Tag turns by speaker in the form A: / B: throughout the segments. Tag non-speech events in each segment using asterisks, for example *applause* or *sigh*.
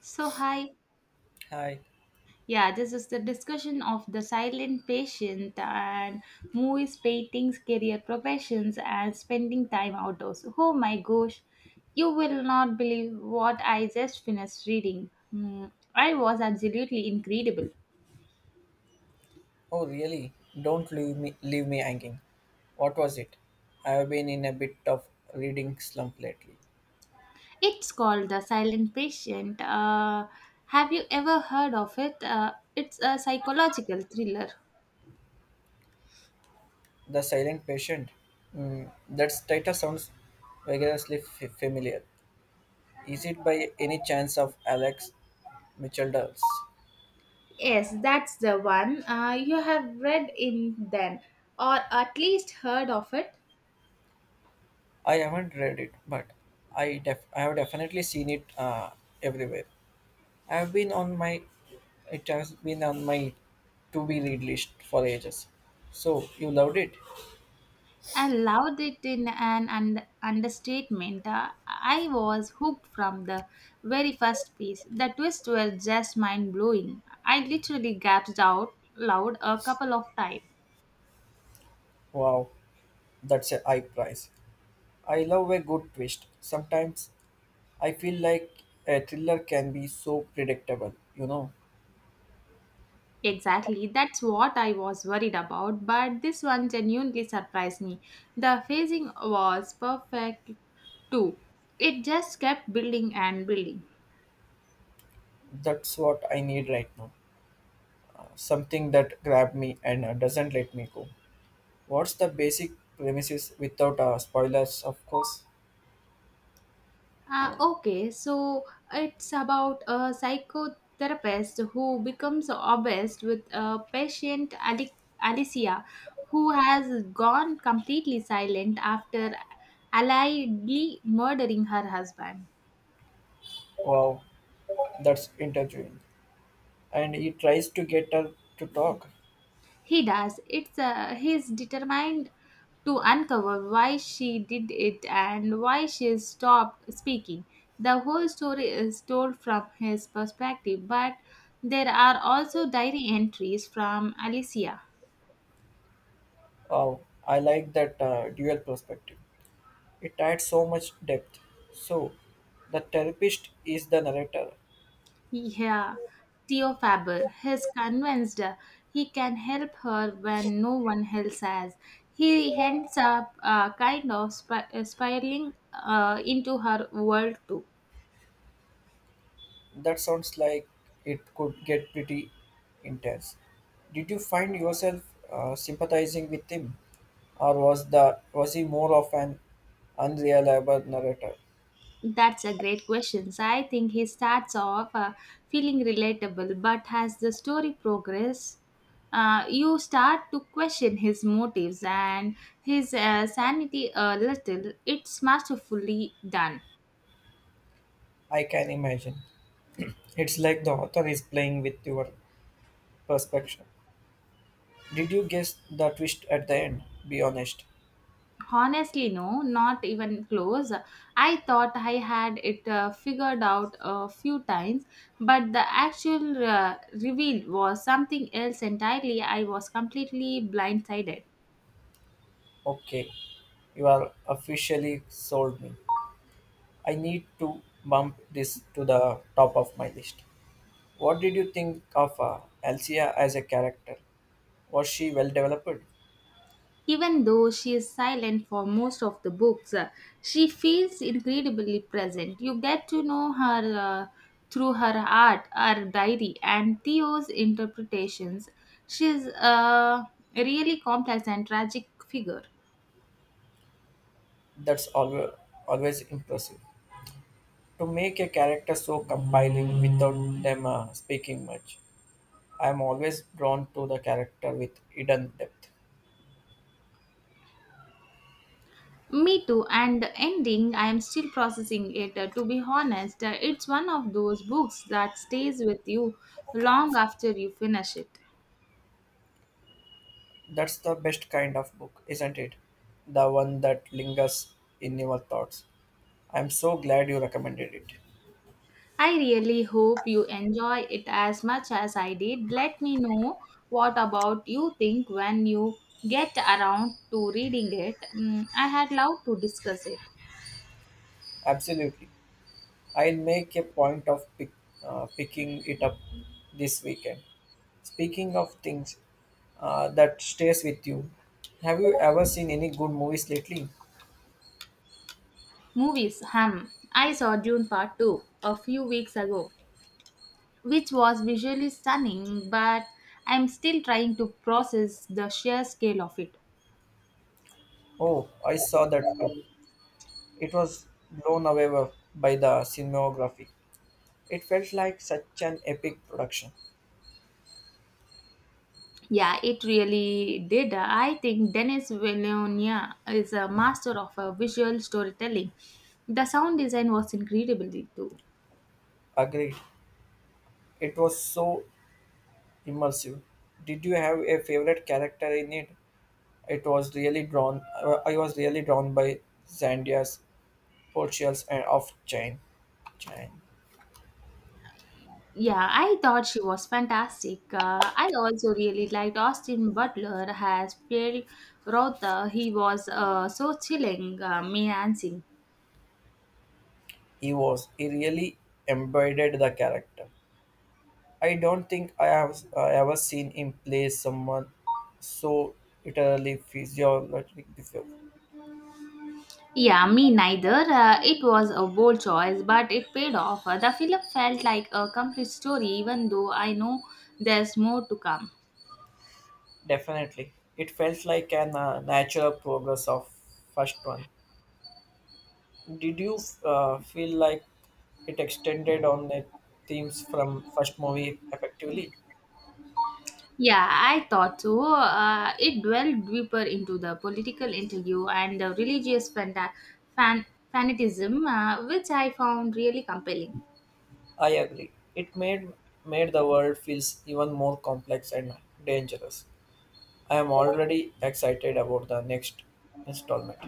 A: So, hi.
B: Hi.
A: Yeah, this is the discussion of the silent patient and movies, paintings, career professions, and spending time outdoors. Oh my gosh, you will not believe what I just finished reading. Hmm, I was absolutely incredible.
B: Oh, really? Don't leave me hanging. What was it? I have been in a bit of reading slump lately.
A: It's called The Silent Patient. Have you ever heard of it? It's a psychological thriller.
B: The Silent Patient. Mm, that title sounds vigorously familiar. Is it by any chance of Alex Michelder's?
A: Yes, that's the one. You have read in then, or at least heard of it.
B: I haven't read it, but I have definitely seen it everywhere. I have been on my It has been on my to be read list for ages. So you loved it?
A: I loved it in an understatement. I was hooked from the very first piece. The twists were just mind blowing. I literally gasped out loud a couple of times.
B: Wow. That's a high price. I love a good twist. Sometimes I feel like a thriller can be so predictable,
A: Exactly, that's what I was worried about, but this one genuinely surprised me. The phasing was perfect too. It just kept building and building.
B: That's what I need right now. Something that grabs me and doesn't let me go. What's the basic premises without spoilers, of course?
A: Okay, so it's about a psychotherapist who becomes obsessed with a patient, Alicia, who has gone completely silent after allegedly murdering her husband.
B: Wow, that's interviewing. And he tries to get her to talk.
A: He does. It's he's determined to uncover why she did it and why she stopped speaking. The whole story is told from his perspective, but there are also diary entries from Alicia.
B: Wow, I like that dual perspective. It adds so much depth. So, the therapist is the narrator.
A: Yeah, Theo Faber is convinced he can help her when no one else has. He ends up kind of spiraling into her world too.
B: That sounds like it could get pretty intense. Did you find yourself sympathizing with him, or was he more of an unreliable narrator?
A: That's a great question. So I think he starts off feeling relatable, but as the story progresses, you start to question his motives and his sanity a little. It's masterfully done.
B: I can imagine. *clears throat* It's like the author is playing with your perspective. Did you guess the twist at the end? Be honest.
A: Honestly, no, not even close. I thought I had it figured out a few times, but the actual reveal was something else entirely. I was completely blindsided.
B: Okay, you are officially sold me. I need to bump this to the top of my list. What did you think of Elsia as a character? Was she well developed?
A: Even though she is silent for most of the books, she feels incredibly present. You get to know her through her art, her diary, and Theo's interpretations. She's a really complex and tragic figure.
B: That's always, Always impressive. To make a character so compelling without them speaking much, I am always drawn to the character with hidden depth.
A: Me too, and the ending, I am still processing it. To be honest, it's one of those books that stays with you long after you finish it.
B: That's the best kind of book, isn't it? The one that lingers in your thoughts. I'm so glad you recommended it.
A: I really hope you enjoy it as much as I did. Let me know what about you think when you get around to reading it. Mm, I had loved to discuss it.
B: Absolutely. I'll make a picking it up this weekend. Speaking of things that stays with you, have you ever seen any good movies lately?
A: Movies, hum. I saw Dune Part 2 a few weeks ago, which was visually stunning, but I'm still trying to process the sheer scale of it.
B: Oh, I saw that too. It was blown by the cinematography. It felt like such an epic production.
A: Yeah, it really did. I think Denis Villeneuve is a master of visual storytelling. The sound design was incredible too.
B: Agreed. It was so immersive. Did you have a favorite character in it? It was really drawn. I was really drawn by Zandia's portrayals and of Jane. Jane.
A: Yeah, I thought she was fantastic. I also really liked Austin Butler has played Rotha. He was so chilling, me answering.
B: He really embodied the character. I don't think I have ever seen him play someone so utterly physiological before.
A: Yeah, me neither. It was a bold choice, but it paid off. The film felt like a complete story, even though I know there's more to come.
B: Definitely, it felt like an natural progress of first one. Did you feel like it extended on the themes from first movie effectively?
A: Yeah, I thought so. It dwelled deeper into the political interview and the religious fan- fanaticism, which I found really compelling.
B: I agree. It made the world feels even more complex and dangerous. I am already excited about the next installment.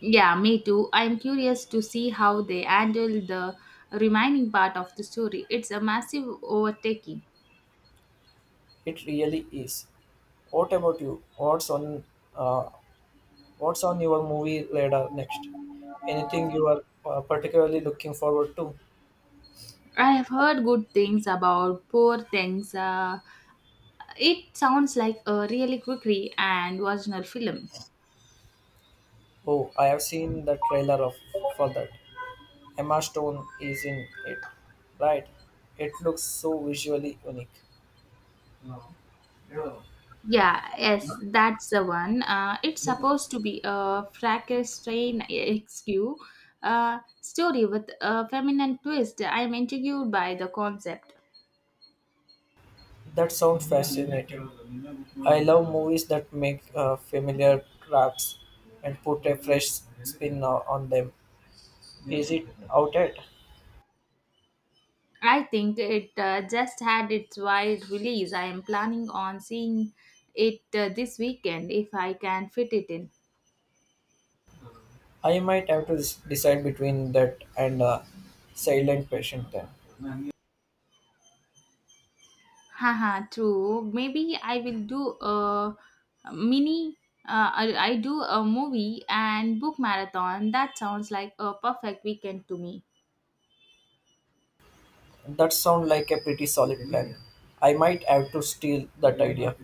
A: Yeah, me too. I'm curious to see how they handle the remaining part of the story. It's a massive overtaking.
B: It really is. What about you? Uh, What's on your movie radar next? Anything you are particularly looking forward to?
A: I have heard good things about Poor Things. It sounds like a really quick and original film.
B: Oh, I have seen the trailer of for that. Emma Stone is in it, right? It looks so visually unique.
A: Yeah, yes, that's the one. It's supposed to be a Frankenstein XQ story with a feminine twist. I'm intrigued by the concept.
B: That sounds fascinating. I love movies that make familiar traps and put a fresh spin on them. Is it out yet?
A: I think it just had its wide release. I am planning on seeing it this weekend if I can fit it in.
B: I might have to decide between that and silent patient then.
A: Haha, true. Maybe I will do a mini. I do a movie and book marathon. That sounds like a perfect weekend to me.
B: That sounds like a pretty solid plan. I might have to steal that idea.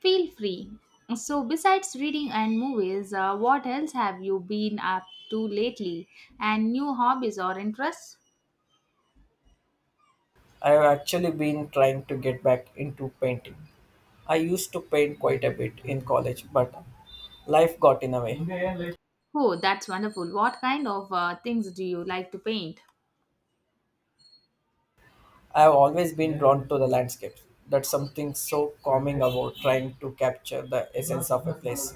A: Feel free. So, besides reading and movies, what else have you been up to lately? And new hobbies or interests?
B: I have actually been trying to get back into painting. I used to paint quite a bit in college, but life got in the way.
A: Oh, that's wonderful. What kind of things do you like to paint?
B: I have always been drawn to the landscapes. That's something so calming about trying to capture the essence of a place.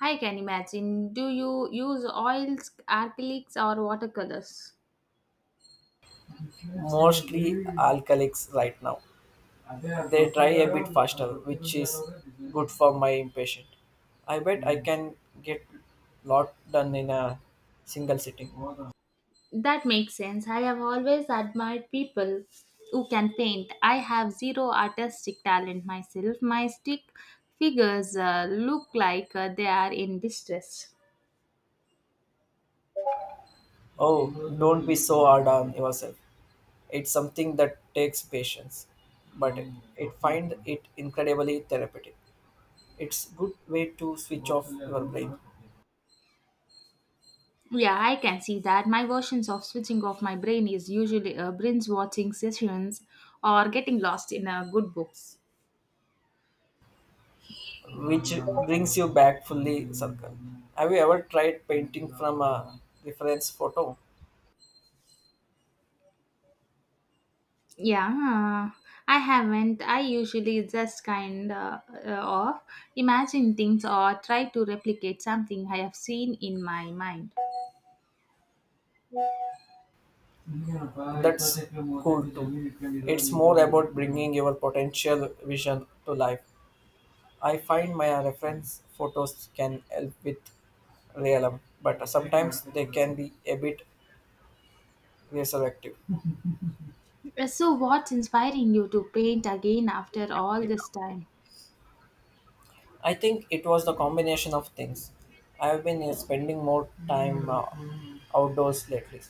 A: I can imagine. Do you use oils, acrylics, or watercolors?
B: Mostly alcoholics right now. They try a bit faster, which is good for my impatient. I bet I can get lot done in a single sitting.
A: That makes sense. I have always admired people who can paint. I have zero artistic talent myself. My stick figures look like they are in distress.
B: Oh, don't be so hard on yourself. It's something that takes patience, but it find it incredibly therapeutic. It's good way to switch off your brain,
A: Yeah, I can see that. My versions of switching off my brain is usually binge watching sessions or getting lost in good books.
B: which brings you back fully circle. Have you ever tried painting from a reference photo?
A: Yeah, I haven't. I usually just kind of imagine things or try to replicate something I have seen in my mind.
B: That's cool too. It's more about bringing your potential vision to life. I find my reference photos can help with realism, but sometimes they can be a bit resurrective.
A: So, what's inspiring you to paint again after all this time?
B: I think it was the combination of things. I have been spending more time outdoors lately,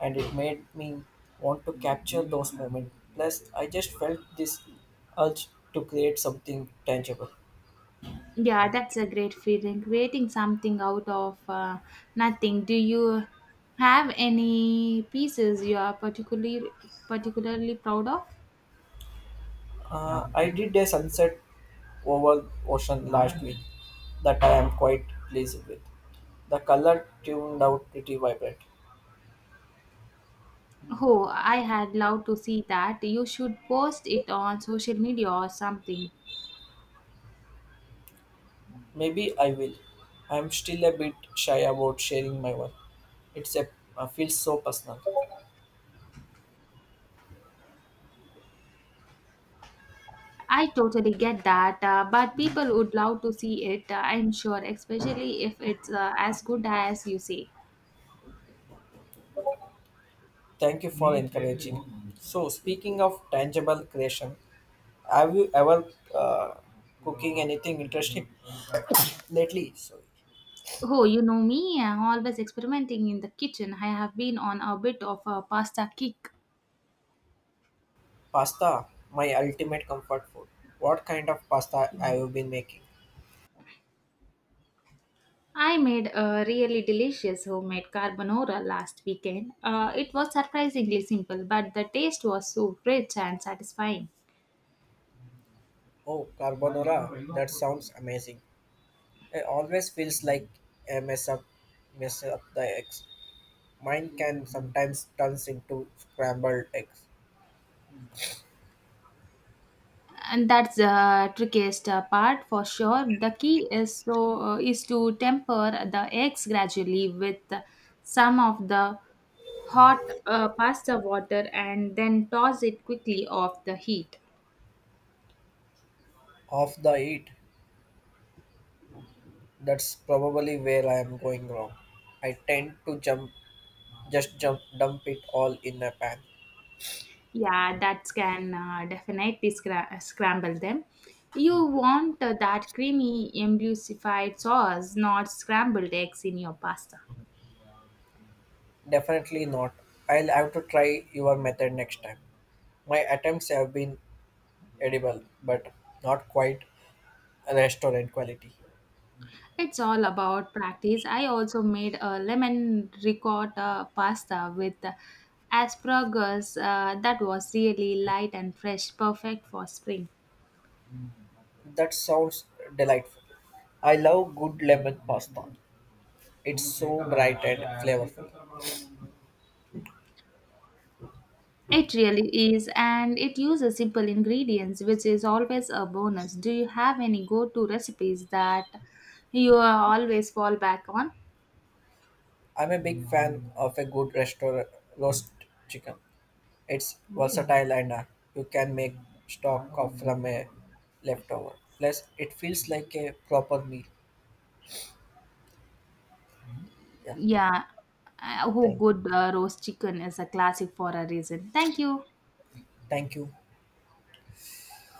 B: and it made me want to capture those moments. Plus, I just felt this urge to create something tangible.
A: Yeah, that's a great feeling. Creating something out of nothing. Do you have any pieces you are particularly proud of?
B: I did a sunset over ocean last week that I am quite pleased with. The color tuned out pretty vibrant.
A: Oh, I had loved to see that. You should post it on social media or something.
B: Maybe I will. I am still a bit shy about sharing my work. It's a feels so personal.
A: I totally get that, but people would love to see it. I'm sure, especially if it's as good as you say.
B: Thank you for encouraging. So speaking of tangible creation, have you ever uh, cooking anything interesting lately? Sorry,
A: Oh, you know me, I'm always experimenting in the kitchen. I have been on a bit of a pasta kick.
B: pasta, my ultimate comfort food. What kind of pasta have you been making?
A: I made a really delicious homemade carbonara last weekend. It was surprisingly simple, but the taste was so rich and satisfying.
B: Oh, carbonara! That sounds amazing. It always feels like a mess up, mess up the eggs. Mine can sometimes turns into scrambled eggs.
A: And that's the trickiest part for sure. The key is is to temper the eggs gradually with some of the hot pasta water and then toss it quickly off the heat.
B: Half the heat. That's probably where I am going wrong. I tend to jump, Just jump, dump it all in a pan.
A: Yeah, that can definitely scramble them. You want that creamy, emulsified sauce, not scrambled eggs in your pasta.
B: Definitely not. I'll have to try your method next time. My attempts have been edible, but not quite restaurant quality.
A: It's all about practice. I also made a lemon ricotta pasta with asparagus that was really light and fresh, perfect for spring.
B: That sounds delightful. I love good lemon pasta. It's so bright and flavorful.
A: It really is, and it uses simple ingredients, which is always a bonus. Do you have any go to recipes that you always fall back on?
B: I'm a big fan of a good restaurant roast chicken. It's versatile and you can make stock of from a leftover. Plus, it feels like a proper meal. Yeah.
A: Yeah, oh,
B: Thank,
A: good roast chicken is a classic for a reason. Thank you.
B: Thank you.